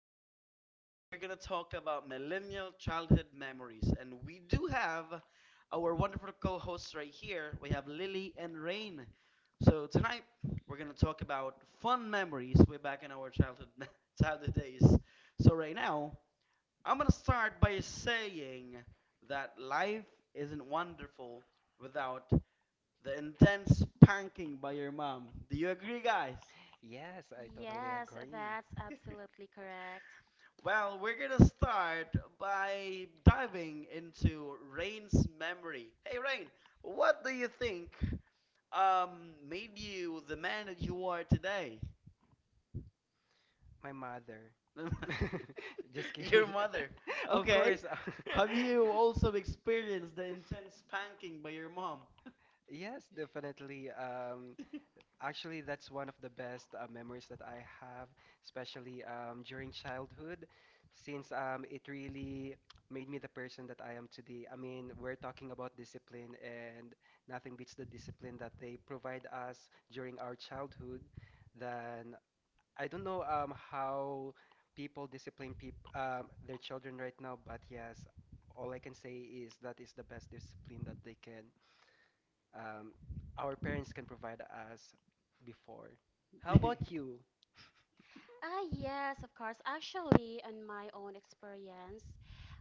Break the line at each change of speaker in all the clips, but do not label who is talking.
So, today we're going to talk about millennial childhood memories. And we do have our wonderful co hosts right here. We have Lily and Rain. So, tonight we're going to talk about fun memories way back in our childhood, childhood days. So, right now, I'm going to start by saying that life isn't wonderful without the intense panking by your mom. Do you agree, guys?
Yes, I totally
Yes,
agree.
that's absolutely correct.
Well, we're gonna start by diving into Rain's memory. Hey, Rain, what do you think made you the man that you are today?
My mother. Just
Your
kidding.
mother.
Of
Okay.
course.
Have you also experienced the intense spanking by your mom?
Yes, definitely. Actually, that's one of the best memories that I have, especially during childhood, since it really made me the person that I am today. I mean, we're talking about discipline, and nothing beats the discipline that they provide us during our childhood than I don't know how people discipline peop their children right now, but yes, all I can say is that is the best discipline that they can um our parents can provide us before. How about you?
Ah, yes, of course. Actually, on my own experience,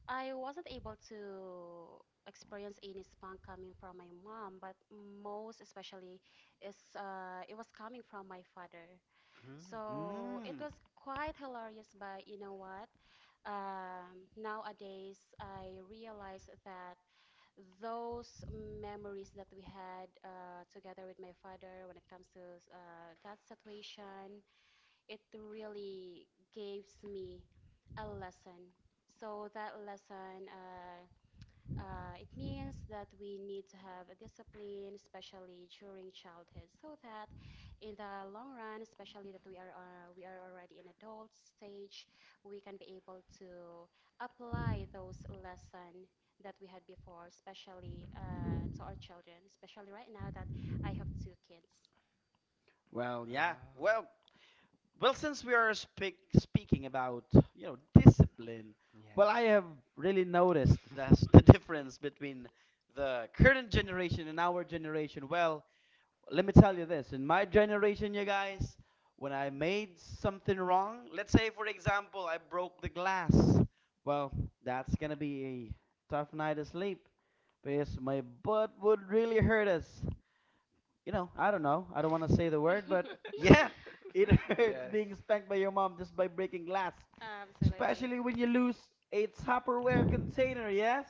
I wasn't able to experience any spunk coming from my mom, but most especially is it was coming from my father.
Mm.
So it
Mm.
was quite hilarious, but you know what? Nowadays, I realize that those memories that we had together with my father when it comes to that situation, it really gives me a lesson. So that lesson it means that we need to have a discipline, especially during childhood, so that in the long run, especially that we are already in adult stage, we can be able to apply those lesson that we had before, especially to our children, especially right now that I have two kids.
Well, yeah.
Wow.
Well, Well, since we are speaking about you know discipline, well, I
Yes.
have really noticed that's the difference between the current generation and our generation. Well, let me tell you this: in my generation, you guys, when I made something wrong, let's say for example I broke the glass, well, that's gonna be a tough night of sleep because my butt would really hurt us, you know. I don't know. I don't want to say the word, but yeah, it hurts
Yes.
being spanked by your mom just by breaking glass,
Um, so
especially when you lose a Tupperware container, yes?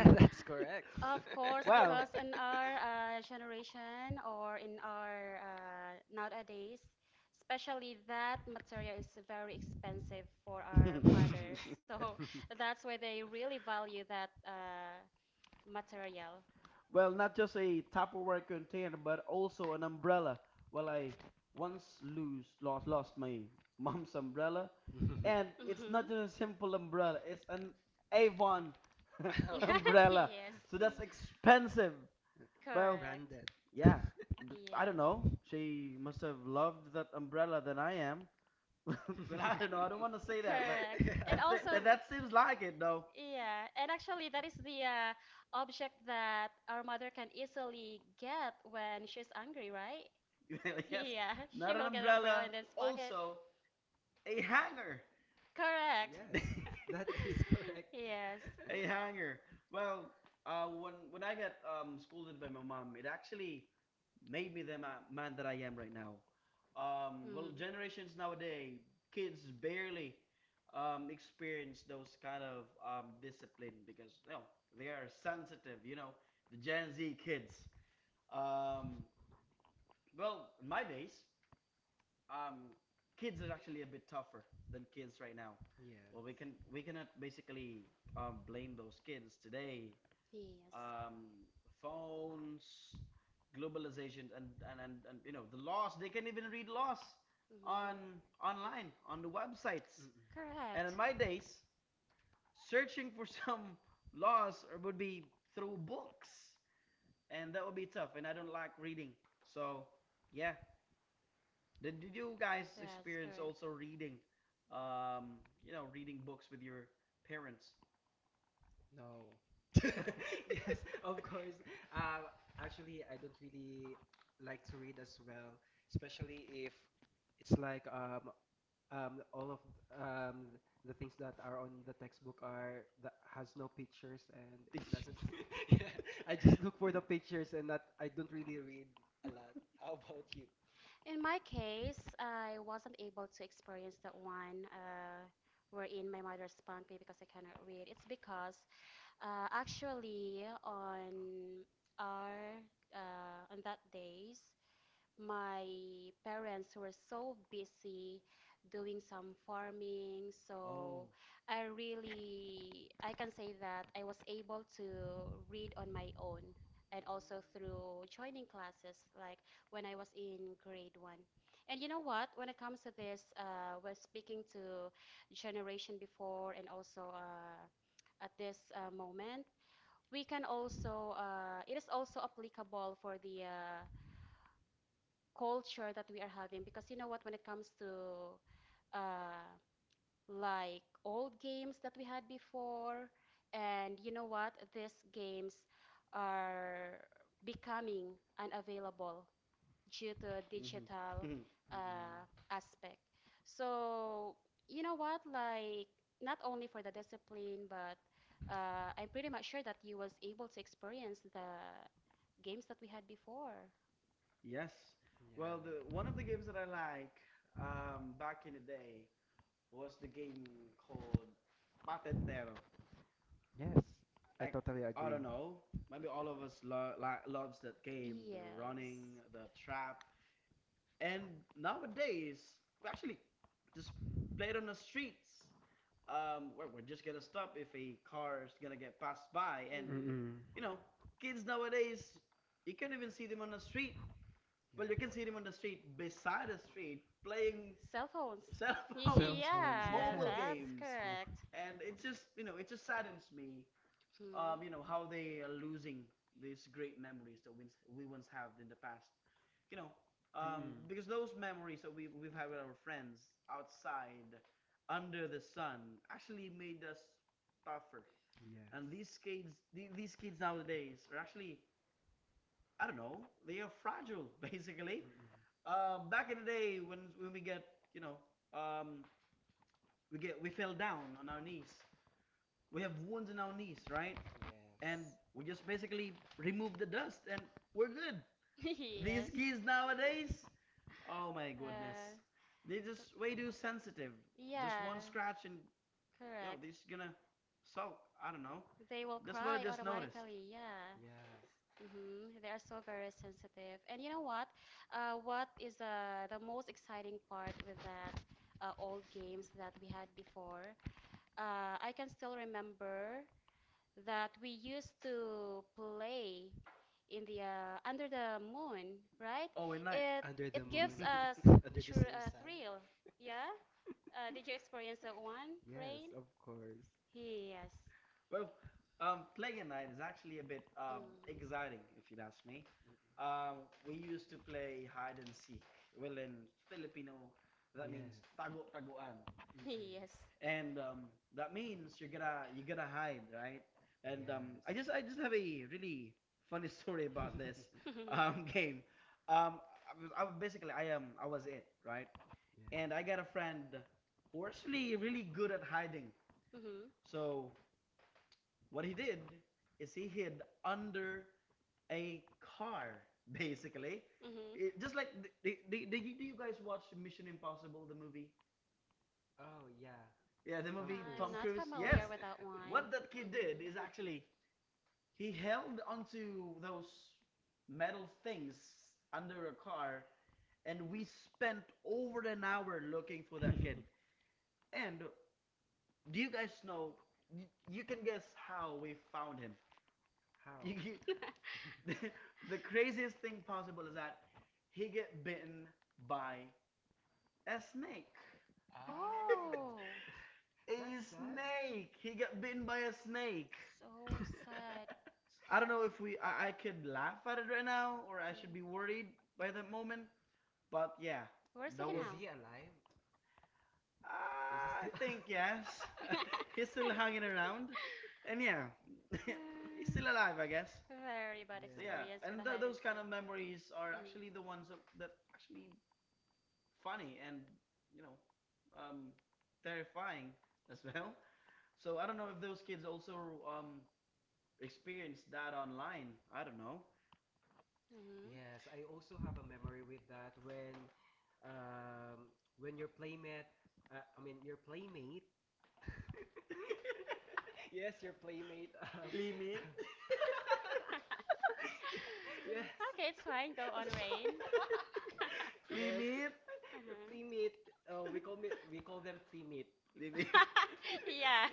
that's correct.
Of course,
Well,
because in our generation or in our nowadays, especially that material is very expensive for our mother. So that's why they really value that material.
well, not just a Tupperware container, but also an umbrella. Well, I once lose lost lost my mom's umbrella, and it's not
Hmm
just a simple umbrella; it's an Avon
Oh,
umbrella.
Yes,
So that's expensive. Well,
correct.
branded.
yeah, I don't
Yeah,
know. She must have loved that umbrella than I am. But I don't know. I don't want to say that, but
correct.
Yeah.
I
And
think
also,
that, that seems like it, though.
yeah, and actually, that is the object that our mother can easily get when she's angry, right?
Yes,
Yeah, she
not an
will get an umbrella
umbrella.
in this pocket.
Also, a hanger.
Correct.
Yes, that is correct.
Yes.
A
Yes.
hanger. Well, when I got scolded by my mom, it actually made me the man that I am right now. Well,
Mm.
generations nowadays, kids barely experience those kind of discipline because you know they are sensitive. You know, the Gen Z kids. Um, well, in my days, um, kids are actually a bit tougher than kids right now. Well, we cannot basically, blame those kids today, um, phones, globalization, and, you know the laws. They can even read laws
Yes.
on
Mhm.
online on the
Mm-mm.
websites. And
Correct.
in my days, searching for some laws would be through books, and that would be tough. And I don't like reading, so yeah. Did you guys
Yes,
experience also
correct.
reading, um, you know, reading books with your parents?
No. Yes, of course. Uh, actually, I don't really like to read as well, especially if it's like all of um, the things that are on the textbook are that has no pictures and
Did
it
you-
doesn't. Yeah, I just look for the pictures and that I don't really read a lot. How about you?
In my case, I wasn't able to experience that one wherein my mother spanked me because I cannot read. It's because actually on our on that days my parents were so busy doing some farming,
Oh.
so I really, I can say that I was able to read on my own and also through joining classes, like when I was in grade one. And you know what? When it comes to this, when speaking to generation before and also at this moment, we can also, it is also applicable for the culture that we are having, because you know what, when it comes to uh like old games that we had before. And you know what, these games are becoming unavailable due to
Hmm.
digital
Mm-mm.
aspect. So you know what, like not only for the discipline but I'm pretty much sure that you was able to experience the games that we had before.
Yes. Well, the one of the games that I like, back in the day, was the game called Patentero.
Yeah. Yes, I
Like,
totally
I
agree.
don't know, maybe all of us lo like loves that game, the
Yes.
running, the trap, and nowadays we actually just play it on the streets. Where we're just gonna stop if a car is gonna get passed by, and
Mm.
Mm-mm.
you know, kids nowadays, you can't even see them on the street. Well, you can see him on the
Yes.
street, beside the street, playing
Cell phones.
cell
Cell
phones,
phones,
Yeah,
mobile
yes.
games,
correct.
and it just, you know, it just saddens me, you
Mm.
know, how they are losing these great memories that we once have in the past. You know,
Mm.
because those memories that we've had with our friends outside, under the sun, actually made us tougher.
and
And these
Yes.
kids, these kids nowadays are actually, I don't know, they are fragile, basically.
Mm-mm.
Back in the day when we get, you know, um we get we fell down on our knees. We have wounds in our knees, right? And
Yes.
we just basically remove the dust and we're good. These kids nowadays, oh my goodness, they're just way too sensitive. Just one scratch and yo, they're
Correct.
just gonna sulk. I don't know.
They will
That's what I just noticed.
yeah.
Yes.
Mm-hmm. They are so very sensitive. And you know what? What is the most exciting part with that old games that we had before? I can still remember that we used to play in the under the moon, right?
Oh, at night.
It
Under the
it gives
moon,
us
under the
tr
same sun.
thrill. Yeah? Did you experience that one,
Yes,
Rain?
right? Of course.
Yes.
Well, playing nine is actually a bit
Mm.
exciting, if you'd ask me. We used to play hide and seek. Well, in Filipino,
Mm-mm.
that
Yes.
means tago-taguan,
Yes.
Mm-mm.
and that means you're gonna hide, right? And I just have
Yes.
a really funny story about this, game. I was it, right? And I got a
Yes.
friend who actually really good at hiding.
Mhm.
So what he did is he hid under a car, basically. It- just
Mhm.
like do you guys watch Mission Impossible, the movie?
Oh yeah.
Yeah, the movie Tom Cruise.
Cruise.
Yes.
That one.
What that kid did is actually he held onto those metal things under a car, and we spent over an hour looking for that kid. And do you guys know? You, you can guess how we found him. You, you,
He,
the, the craziest thing possible is that he get bitten by a snake.
A
A snake. He got bitten by a snake.
so.
I don't know if we I could laugh at it right now or I should be worried by that moment. But yeah,
Where's
that was-
he alive?
I think yes. He's still hanging around, and yeah, he's
mm,
still alive, I guess.
still, very bad,
So yeah,
yeah.
and
A hiding.
those kind of memories are actually the ones that, that actually funny and you know, um, terrifying as well. So I don't know if those kids also, um, experienced that online. I don't know.
Mhm.
Yes, I also have a memory with that um, when your playmate, I mean your playmate, yes, your playmate, um,
Playmate.
Yeah,
yes,
okay, it's fine. Go
I'm sorry, yes,
Playmate.
your playmate. Oh, we call them playmate.
Playmate.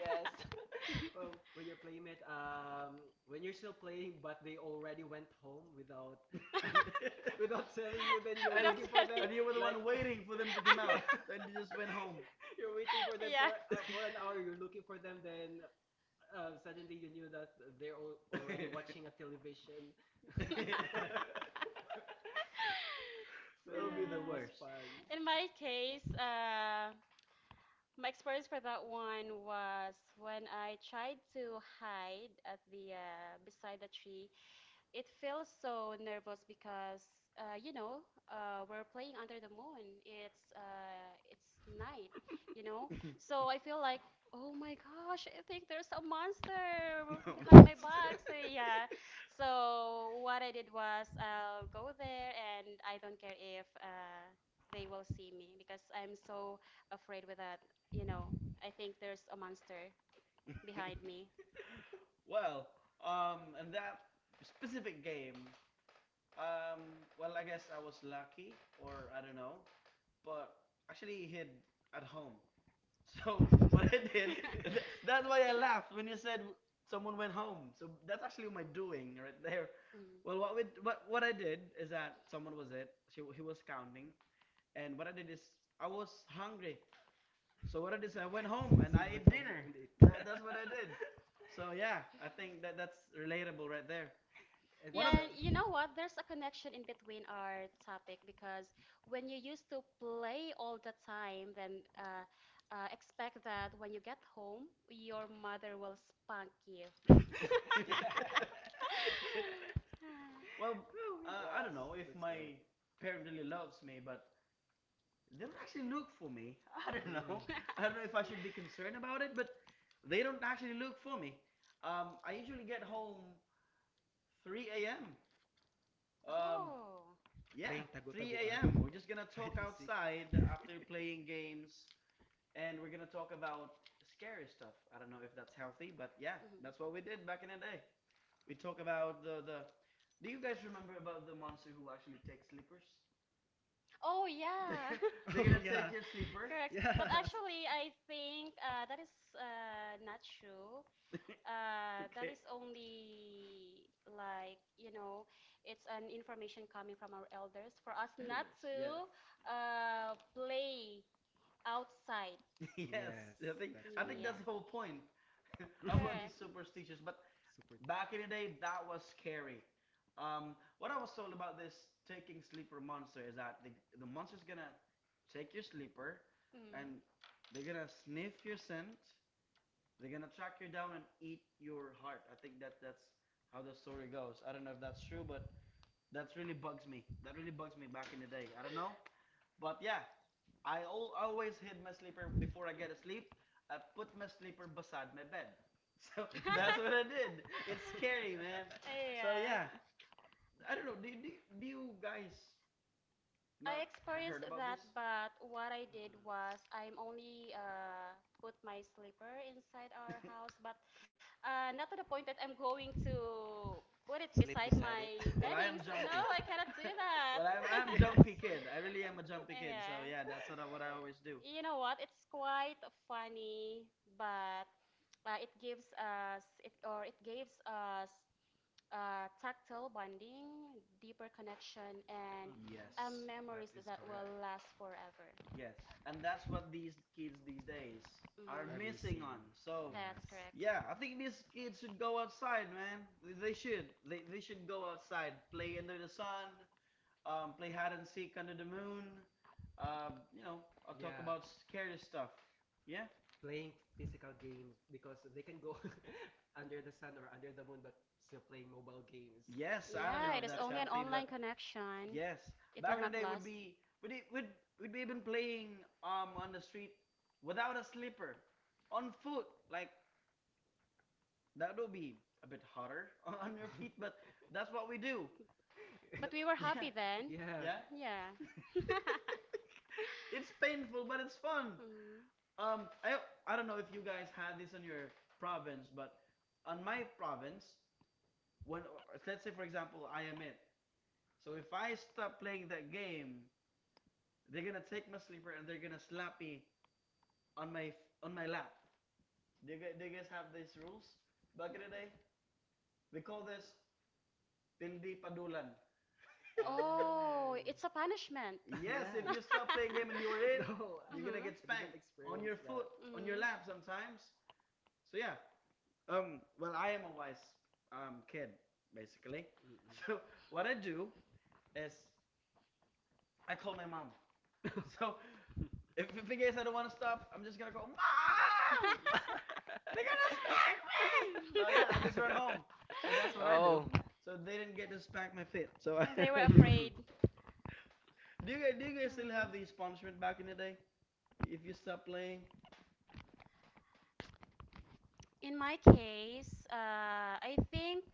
Yes. Well, when your playmate, when you're still playing, but they already went home without, without telling you, then you're
without
and
looking for them,
telling.
and you were the
like,
one waiting for them to come out.
yeah,
Then you just went home.
you're waiting for them
Yeah.
for an hour. You're looking for them, then suddenly you knew that they're already watching a television. A car-
That
so
Uh,
would
yeah,
be the
that was
worst.
fun.
in my case, my experience for that one was when I tried to hide at the beside the tree. It feels so nervous because you know we're playing under the moon. It's night, you know.
Monster.
So I feel like, oh my gosh, I think there's a monster behind my back. So yeah. So what I did was I'll go there, and I don't care if they will see me, because I'm so afraid with that. You know, I think there's a monster behind me.
Well, and that specific game, um, well, I guess I was lucky, or I don't know, but actually hid at home. So what I
Yes.
did, that's why I laughed when you said someone went home. So that's actually my doing right there.
Mm-hmm.
Well, what I did is that someone was it. He was counting, and what I did is I was hungry. So what I did is I went home
So
and
you
I ate
went home
dinner.
and ate.
That's what I did. So yeah, I think that that's relatable right there.
And
One
then
of
Yeah, and you
sud-
know what? There's a connection in between our topic, because when you used to play all the time, then expect that when you get home, your mother will spank you.
yeah.
well,
Woo,
uh, I don't
yes,
know if
that's
my
good.
parent really loves me, but they don't actually look for me. I don't
Mm.
know. I don't know if I should be concerned about it, but they don't actually look for me. I usually get home 3 a.m. Um,
Oh.
yeah, 3 a.m. We're just gonna talk outside after playing games, and we're gonna talk about scary stuff. I don't know if that's healthy, but yeah, that's what we did
Mhm.
back in the day. We talk about the the. Do you guys remember about the monster who actually takes sleepers? Oh
Oh,
yeah.
yeah.
I They're gonna remember take your that. Sleeper.
Correct. But actually, I think that is not true. That
Okay.
is only like, you know,
It's
it's an
only
information
it's an
coming
information
from our
coming from our Elders, for us
elders for us
to
not
elders. Actually
to
yes.
play outside.
Know. Yes, I think that's
Yeah.
the whole point about
Correct.
these superstitions. But
Super.
back in the day, that was scary. What I was told about this taking sleeper monster is that the monster's gonna take your sleeper,
Mm.
and they're gonna sniff your scent. They're gonna track you down and eat your heart. I think that that's how the story goes. I don't know if that's true, but that really bugs me. That really bugs me back in the day. I don't know, but yeah, I al always hid my sleeper before I get asleep. I put my sleeper beside my bed. So that's what I did. It's scary, man. So
Yeah.
yeah, I don't know. Do you guys
I
not
experienced
heard about
that,
this?
but what I did was I'm only put my sleeper inside our house, but not to the point that I'm going to put it beside my
Well, I am
beddings. No,
jumpy.
I cannot do that.
Well, I'm jumpy kid. I really am a jumpy kid.
Yeah.
So yeah, that's what what I always do.
You know what? It's quite funny, but it gives us it or it gives us tactile bonding, deeper connection, and
Mm-mm.
Yes.
That
memories
is
that
correct.
will last forever.
Yes. And that's what these kids these days are missing
Mhm.
on. So,
That's correct.
yeah, I think these kids should go outside, man. They should. They should go outside, play under the sun, play hide and seek under the moon. You know, I'll talk
Yeah,
about scary stuff. Yeah.
playing physical games because they can go under the sun or under the moon, but still playing mobile games.
Yes, I don't
Yeah,
know
it
if
is
that's
only an
healthy,
online
but
connection.
yes,
It
back
will
in the
not
day would
last.
be would it would be even playing on the street without a slipper, on foot, like, that'll be a bit harder on your feet, but that's what we do.
But we were
Th- yeah.
happy then.
Yes,
Yeah.
Yeah. It's painful, but it's fun.
Mm.
Um, I I don't know if you guys had this on your province, but on my province, when let's say for example I am it, so if I stop playing that game, they're gonna take my sleeper and they're gonna slap me on my on my lap. Do you guys have these rules back in the day? We call this Pildi Padulan. It's
Oh, it's a
a
punishment.
punishment. Yes, if you stop playing game and you were
yeah, oh. yeah.
it,
No, going
you're gonna
Mhm.
I
get
did not
spanked on your
experience
foot,
that.
Mm.
on your lap
Mm.
sometimes. So yeah. Well, I am a wise kid basically.
Mm-mm.
So what I do is I call my mom. So if in case I don't want to stop, I'm just gonna go, Mom! They're gonna spank me! So yeah, I just run home. So that's what I do.
oh.
So they didn't get to spank my feet. So
They were
you guys.
afraid.
Do you guys still have these
Mm.
punishment back in the day? If you stop playing,
In my case, I think,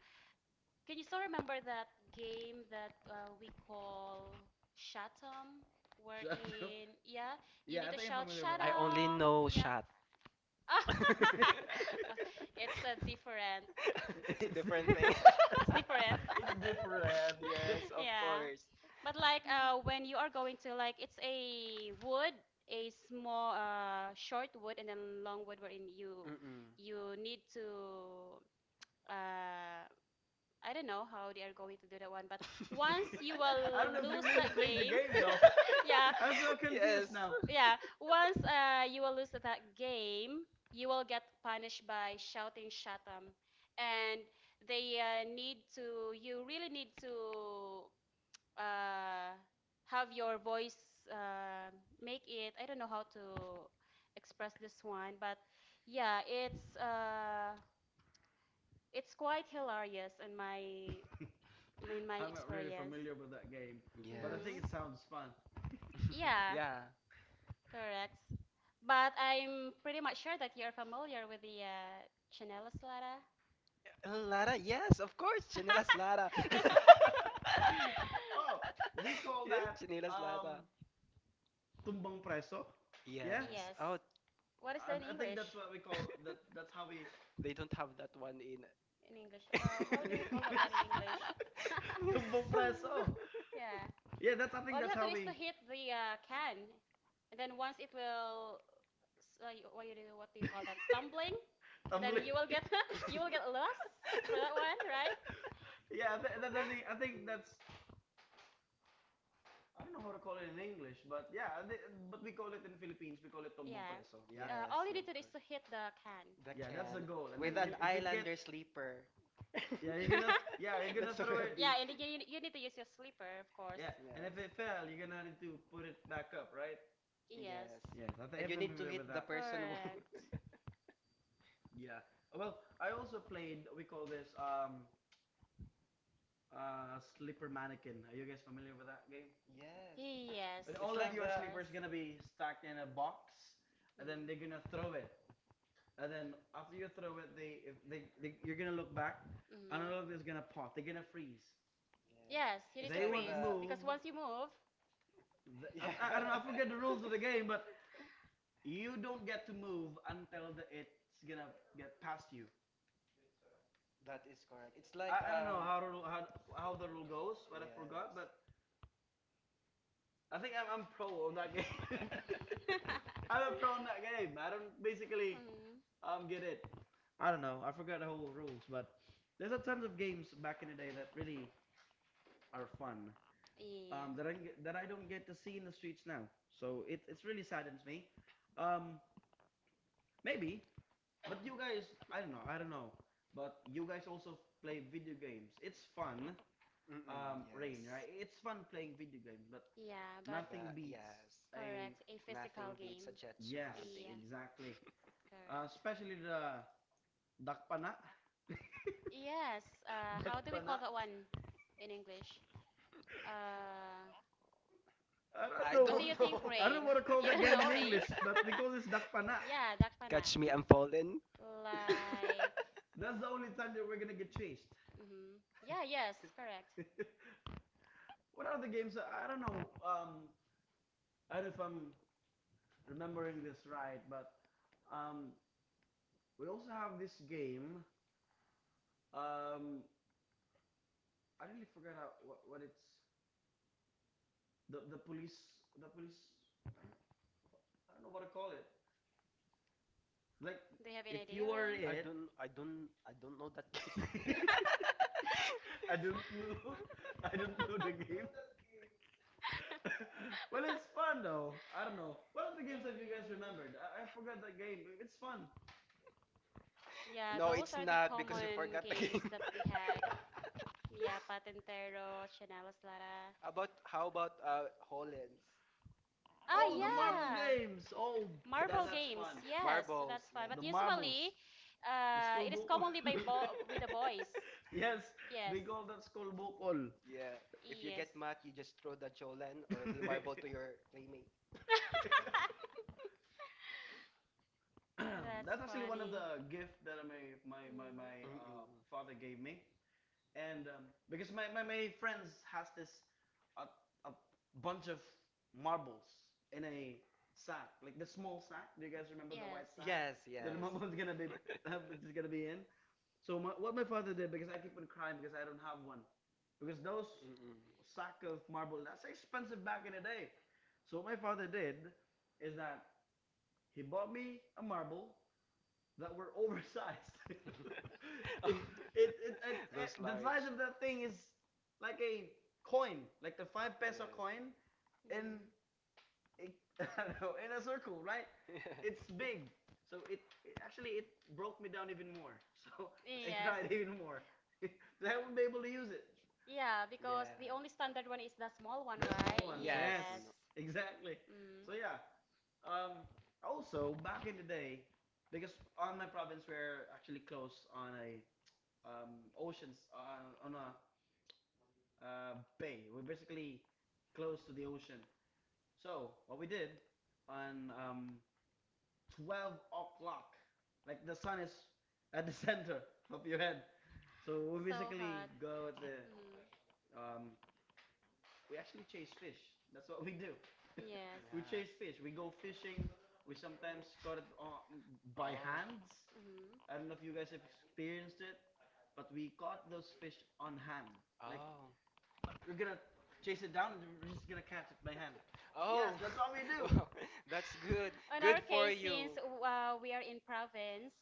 can you still remember that game that we call Shatum?
shut up.
Wherein, yeah, you
Yeah,
need
I
to
think I'm
shout I
familiar with
I only
Shatum.
know
Yeah.
shot.
that.
It's
It's a different.
It's
a different thing.
different.
It's different.
It's different.
Yes, of
Yeah.
course.
But like when you are going to, like, it's a wood, a small short wood and then long wood, wherein you
Mm-mm.
you need to uh I don't know how they are going to do that one, but once you
I
will
don't know if you
lose
really
that
played the
game,
game though.
yeah,
I'm so
yes.
confused now.
yeah. Once you will lose that game, you will get punished by shouting shatam, and they need to. You really need to uh, have your voice uh, make it, I don't know how to express this one, but yeah, it's quite hilarious in my
I'm not really
experience.
familiar with that game, but I
Yes.
think
Hmm,
it sounds fun.
yeah,
yeah.
correct. But I'm pretty much sure that you're familiar with the chinela slada.
Lara, yes, of course, Chinelas Lara.
Oh, we call
yes,
that
Chinelas Lara.
tumbang preso. Yeah?
Yes.
Yes,
Oh.
what is
I,
that in
I think
english?
that's what we call that that's how we
They don't have that one in.
In english, oh,
yes.
how do
in
we call that one
English.
in english?
Tumbang preso.
Yeah.
Yeah, that's I think
All you
that's
have to
how
do is
we
to hit the can, and then once it will, you- what you do, what do you call that? Stumbling, and then
tumbling.
you will get you will get lost for that one, right?
I think that's. I don't know how to call it in English, but yeah, I but we call it in Philippines, we call it tumbang
Yeah.
preso. Yeah.
Yes,
All you
yeah,
need
of
to do is
course.
to hit the can.
The
Yeah, that's the
can
goal. And
with
then
an
if it
Mm,
gets.
islander sleeper.
Yeah,
yeah.
you're
Yes.
That's
gonna
so
throw it.
heavy.
Yeah, and then you need to use your sleeper, of course.
Yeah, and if it fell,
Yes.
you're gonna need to put it back up, right?
Yes,
Yes.
Yes, I think
And
I'm
you need to
familiar with
hit the
that.
person who.
correct.
Yeah. Well, I also played we call this sleeper mannequin. Are you guys familiar with that game?
Yes.
Yes,
And all of
Like
of
your
the.
sleepers gonna
course.
be stacked in a box, and then they're gonna throw it. And then after you throw it, they if they, they you're gonna look back,
Mm.
and all of them's
Mhm.
gonna pop. They're gonna freeze.
Yes, you
Yes.
need
It's
to
They
like
won't
freeze
the.
move.
because once you move.
The,
Yeah.
I, I, don't know. I forget the rules of the game, but you don't get to move until the, it's gonna get past you.
That is correct. It's
I,
like
I don't
um.
know how the rule goes, but I forgot. But
Yes.
I think I'm pro on that game. I'm a pro on that game. I don't basically
Mm,
get it. I don't know. I forgot the whole rules, but there's a tons of games back in the day that really are fun.
yeah.
That I that I don't get to see in the streets now. So it's really saddens me. Um, maybe But you guys, I don't know, I don't know. But you guys also play video games. It's fun,
Mm-mm, yes.
Rain, right? It's fun playing video games, but
Yeah, but
nothing
But
beats
yes.
a
correct. A
Nothing
physical
beats a
game.
Jetsu
yes,
Yeah,
holiday.
exactly. Especially
correct.
the dakpana.
Yes, how do we
Dakpana.
call that one in English? Uh,
I don't
I
What
don't
know.
do you think,
know.
I don't know
Rain?
what to call
You
that
don't
game in
know, Rain?
English, but we call this dakpana.
Yeah, Dakpana.
Catch me, I'm fallen.
Like,
That's the only time that we're gonna get chased.
hmm, yeah, yes, correct.
What are the games? I don't know. I don't know if I'm remembering this right, but um, we also have this game. Um, I really forgot how, what it's the police. I don't know what to call it. Like
Do you have
if
any idea,
you are
Rain?
it.
I don't know that game.
I don't know. I don't know the game. Well, it's fun though. I don't know. What are the games that you guys remembered? I forgot that game. It's fun.
Yeah,
No,
those
it's
are the
not because you
common
forgot the
games
game.
that we had. Yeah, Patentero, Chanelas Lara.
About how about Hollands,
Ah,
Oh, the
Jolene?
marble
yeah.
games. Oh,
Yes,
Marble
that's
games,
fun.
yes,
marbles.
that's fun.
The
But
marbles.
usually,
The school
it is
bukol.
commonly by
Yeah.
bo with the boys.
Yes,
Yes.
they call that school bukol.
Yeah, if you
Yes.
get mad, you just throw the jolen or the marble to your playmate.
That's
That's actually one of
funny.
the gift that my my
Mm.
my, my uh,
Mm-mm.
father gave me. And because my friends has this a, a bunch of marbles in a sack, like the small sack. Do you guys remember
Yes.
the white sack
Yes,
that
Yeah.
the
yes.
marbles gonna be is
Mm.
gonna be in? So what my father did because I keep on crying because I don't have one, because those
Mm-mm.
sack of marble that's expensive back in the day. So what my father did is that he bought me a marble that were oversized. it,
Oh.
it, it, it,
Those
it- the
large.
size of that thing is like a coin, like the five peso coin, in a, I don't know, in a circle, right?
Yes.
It's big. So it actually it broke me down even more. So
It's
I
bigger.
cried
Yes.
even more. I won't be able to use it.
Yeah, because
Yeah.
the only standard one is the small one,
The
right?
small ones,
Yes.
yes,
Yes.
No.
exactly.
Mm.
So yeah, um, also, back in the day, because on my province we're actually close on a um, oceans on a uh, bay. We're basically close to the ocean. So what we did on 12 o'clock, like the sun is at the center of your head. So we
So
basically
hot.
go at the
Mm.
um, we actually chase fish. That's what we do. We
Yes.
chase fish. We go fishing.
Yes.
We sometimes caught it on, by
Oh.
hands.
Mm.
I don't know if you guys have experienced it, but we caught those fish on hand. Like we're gonna chase it down and we're just gonna catch it by hand. Yes,
Oh.
that's what we
Oh.
do.
Well, that's good.
In our
Good for
case,
you.
since we are in province,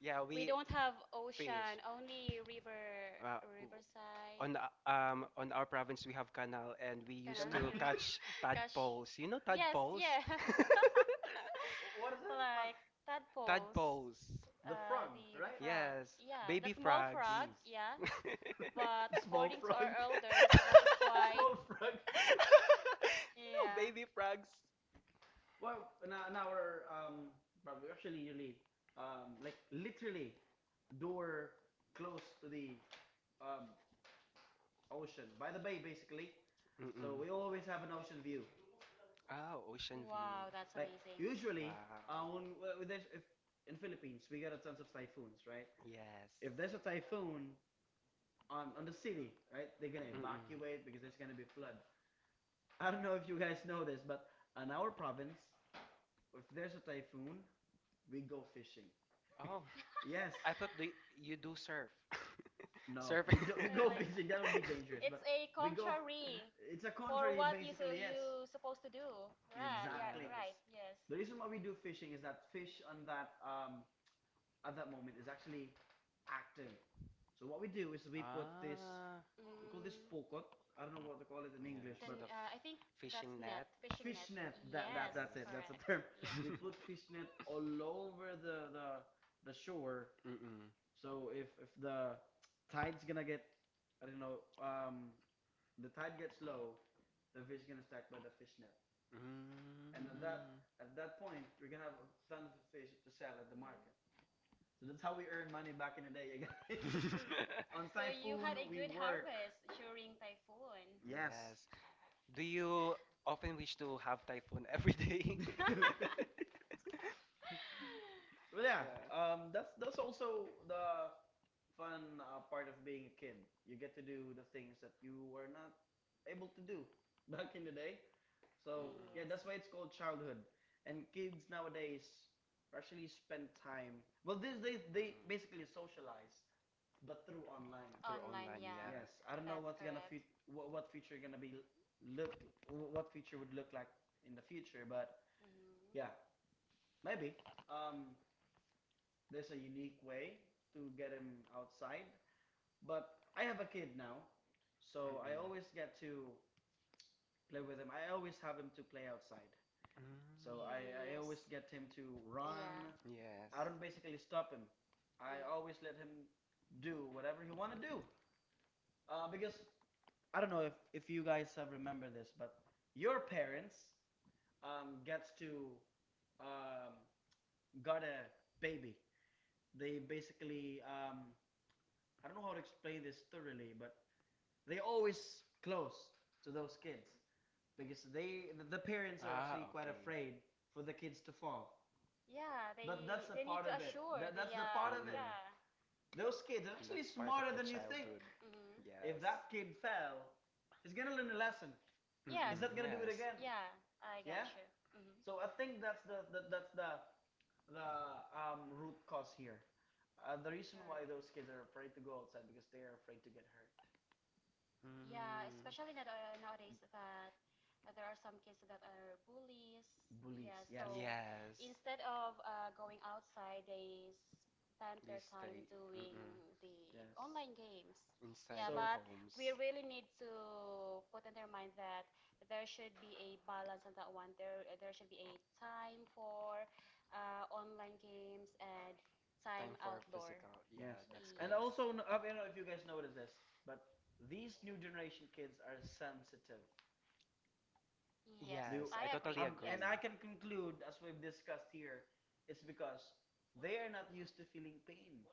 Yeah,
we
we
don't have
fish.
ocean, only river,
Uh, w-
riverside,
on uh, on our province we have canal and we used
canal.
Canal.
to
Yeah.
catch
Gosh.
tadpoles. You know
Yes,
tadpoles?
yes.
What is that? But
Like tadpoles,
Tadpoles.
the
uh,
frog,
the the
right?
frog.
Yes.
Yeah, the
Baby
small
frogs.
frog.
Jeez.
Yeah,
The
but
small
according
frog.
to our elders,
The
it's quite.
small frog.
No
Yeah.
baby frogs.
Well, in our probably actually really like literally door close to the um, ocean by the bay basically.
Mm-mm.
So we always have an ocean view.
Oh, ocean view.
Wow, that's
Like
amazing.
usually, uh,
Wow.
when, when there's if in Philippines we get a tons of typhoons, right?
Yes.
If there's a typhoon on the city, right, they're gonna
Mm-mm.
evacuate because there's gonna be flood. I don't know if you guys know this, but in our province, if there's a typhoon, we go fishing.
Oh,
Yes,
I thought do you do surf.
no,
Surf.
we do, we go
Really?
fishing. That would be dangerous,
It's
but
a
we go.
contrary
It's a
for
contrary,
what you, so
basically. Yes,
you supposed to do. Right? Yeah.
exactly.
Yes.
Right. Yes.
The reason why we do fishing is that fish on that at that moment is actually active. So what we do is we put this.
Ah,
We call this
Mm,
pokot. I don't know what to call it in
yes.
English,
then
but
The
I
f-
think that's
fishing
net,
net.
fishing net.
fish net.
Yes.
That's
Yes.
it. That's the
Correct.
term.
Yeah.
We put fish net all over the shore.
Mm-mm.
So if the tide's gonna get I don't know, the tide gets low, the fish gonna stack by the fish net, and
Mm.
Mm.
at that point we're gonna have a ton of fish to sell at the market. So that's how we earn money back in the day, you guys. On
So you
typhoon
had a
we
good
work.
harvest during typhoon.
Yes.
Yes. Do you often wish to have typhoon every day?
Well, yeah. That's also the fun part of being a kid. You get to do the things that you were not able to do back in the day. So yeah, that's why
Yes.
it's called childhood. And kids nowadays actually spend time. Well, these days they basically socialize, but through online.
Yeah.
Yes, I don't know what future gonna be l- look what future would look like in the future, but
Mm-hmm.
yeah, maybe um there's a unique way to get him outside. But I have a kid now,
Mm-mm. Mm-mm.
so
Through
I
online,
always get
yeah.
to
Mm-mm.
play with him. I always have him to play outside.
Mm.
So I always get him to run.
Yes.
I don't basically stop him. I always let him do whatever he want to do. Because I don't know if you guys have remember this, but your parents gets to um, got a baby. They basically I don't know how to explain this thoroughly, but they always close to those kids because the parents are actually
Ah,
quite
okay.
afraid for the kids to fall.
Yeah, but
But that's a
they
part of it. That's the part of it.
Mm-mm.
yeah.
Those kids are actually
That's part of
smarter
the
than you think.
childhood.
Mm-hmm.
If
Yes.
that kid fell, he's gonna learn a lesson.
Yes.
He's not
Mm-mm.
gonna do it
Yes.
again.
Yeah, I
Yeah.
you. Hmm.
So I think that's the root cause here. The reason why those kids are afraid to go outside because they are afraid to get hurt.
Yeah,
Yeah,
Mm.
especially
especially that
that nowadays
nowadays,
that there are some kids that are bullies.
bullies.
Yeah,
Yeah,
so
Yes.
instead of going outside, they spend
They
their time
stay.
doing
Mm-mm.
the
yes. Yes.
online games. Yeah,
Inside
So
their
but
homes.
we really need to put in their mind that there should be a balance on that one. There should be a time for online games and time
Time for
outdoor.
physical. Yeah,
yes,
that's
And
and
yes.
correct.
also, I don't know if you guys noticed this, but these new generation kids are sensitive.
Yes, you-
Do
Yes, I
I agree.
totally
and
agree.
I can conclude, as we've discussed here, it's because they are not used to feeling pain.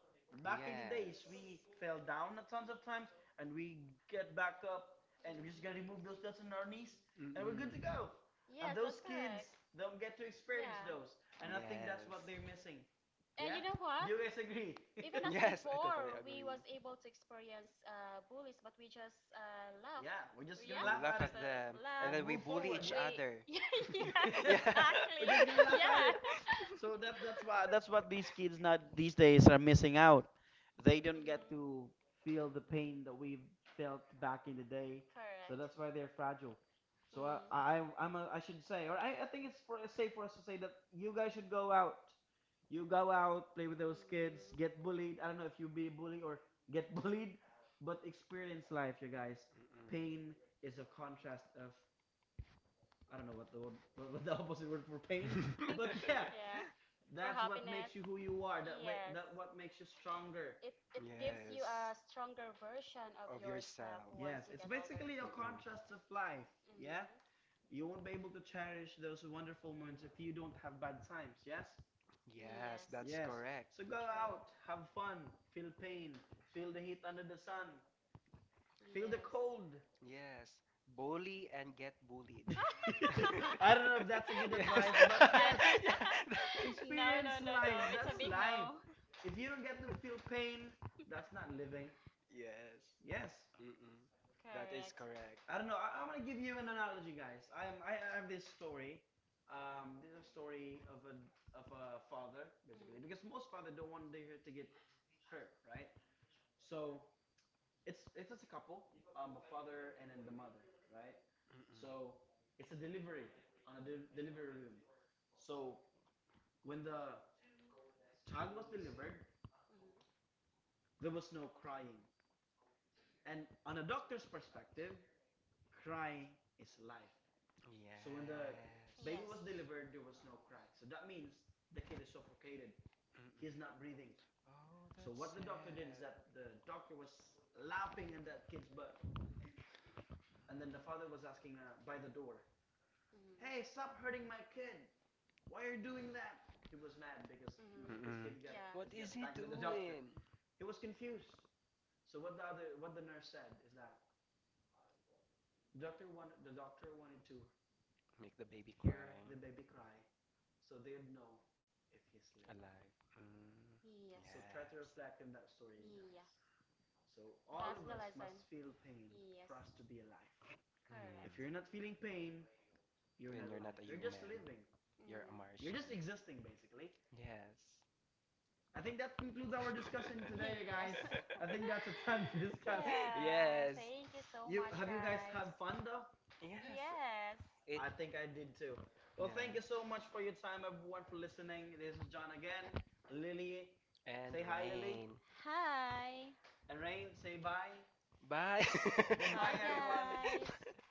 Back in the days,
Yes.
we fell down a tons of times, and we get back up, and we're just gonna remove those dots on our knees, and we're good to
Mm-mm.
go. And those
And
kids don't get to experience
those.
those, and I think that's
Yes.
what they're missing. Yeah?
Yeah? Know what?
Do you guys agree?
Even as
Yes, I totally
before, we
agree.
was able to experience bullies, but we just laughed.
Yeah, we're just gonna
We
laugh at
laugh
it
at them,
Yeah.
and
and then we
move
bully
forward.
each
Laughed.
Yeah.
other. yeah.
We're
Exactly.
just gonna laugh at
Yeah,
it. So that's why that's what these kids not these days are missing out. They don't get to feel the pain that we felt back in the day. So that's
correct.
why they're fragile. So I should say, or I think it's for, safe for us to say that
That
you guys should go out. You go out, play with those kids, get bullied. I don't know if you be bullied or get bullied, but experience life, you guys.
Mm-mm.
Pain is a contrast of I don't know what the word, what, the opposite word for pain, but yeah,
yeah.
that's what makes you who you are. That what makes you stronger.
It gives
yes,
you a stronger version of
of
yourself.
yourself.
Yes, it's basically a
Mm-mm.
contrast of life. Yeah, you won't be able to cherish those wonderful moments if you don't have bad times. Yes,
Yes,
Mm.
that's
yes.
correct.
So go out, have fun, feel pain, feel the heat under the sun, feel the
Feel
cold.
Yes, bully and get bullied.
I don't know if that's a good
Yes.
advice,
I
but yes,
Yeah.
experience life. That's life. If you don't get to feel pain, that's not living.
Yes.
Yes.
Mm-mm. That is correct.
I don't know. I'm gonna give you an analogy, guys. I am. I have this story. This is a story of a father, basically, because
Mm.
most father don't want their to get hurt, right? So it's just a couple, a father and then the mother, right?
Mm-mm.
So it's a delivery on a delivery room. So when the child was delivered,
Mm.
there was no crying. And on a doctor's perspective, cry is life. So when the baby
Yes.
was delivered, there was no cry. So that means the kid is suffocated.
Mm-mm.
He is not breathing.
Oh,
So
that's
what the doctor did is
sad.
that the doctor was lapping in that kid's butt, and then the father was asking by the door, "Hey, stop
Mhm.
hurting my kid! Why are you doing that?" He was mad because you know his
Mm-mm.
kid got
Mhm.
What
is
is
gets
he
spanked by the doctor.
doing?
He was confused. So what the nurse said is that doctor wanted to
Make the baby cry.
hear the baby cry so they'd know if he's living.
Alive. Mm.
So try
Tried
to
Yes.
reflect on that story, you guys. So all of us must feel pain for us
alive.
to be alive.
Mm.
If you're
Correct.
not feeling pain, you're
Then
not
you're not
alive.
a
You're just
human.
living.
You're a
You're
Very
just
Martian.
existing, basically.
basically.
Yes.
I think that concludes our discussion today, you guys. I think that's a time to discuss.
Yes.
Thank you so.
You guys had fun though?
Yes.
Yes.
It.
I think I did too. Well, thank you so
Yeah.
much for your time, everyone, for listening. This is John again. Lily, say
And
hi, Lily.
rain.
Hi.
And Rain, say bye.
Bye.
Bye,
Goodbye, everyone.
guys.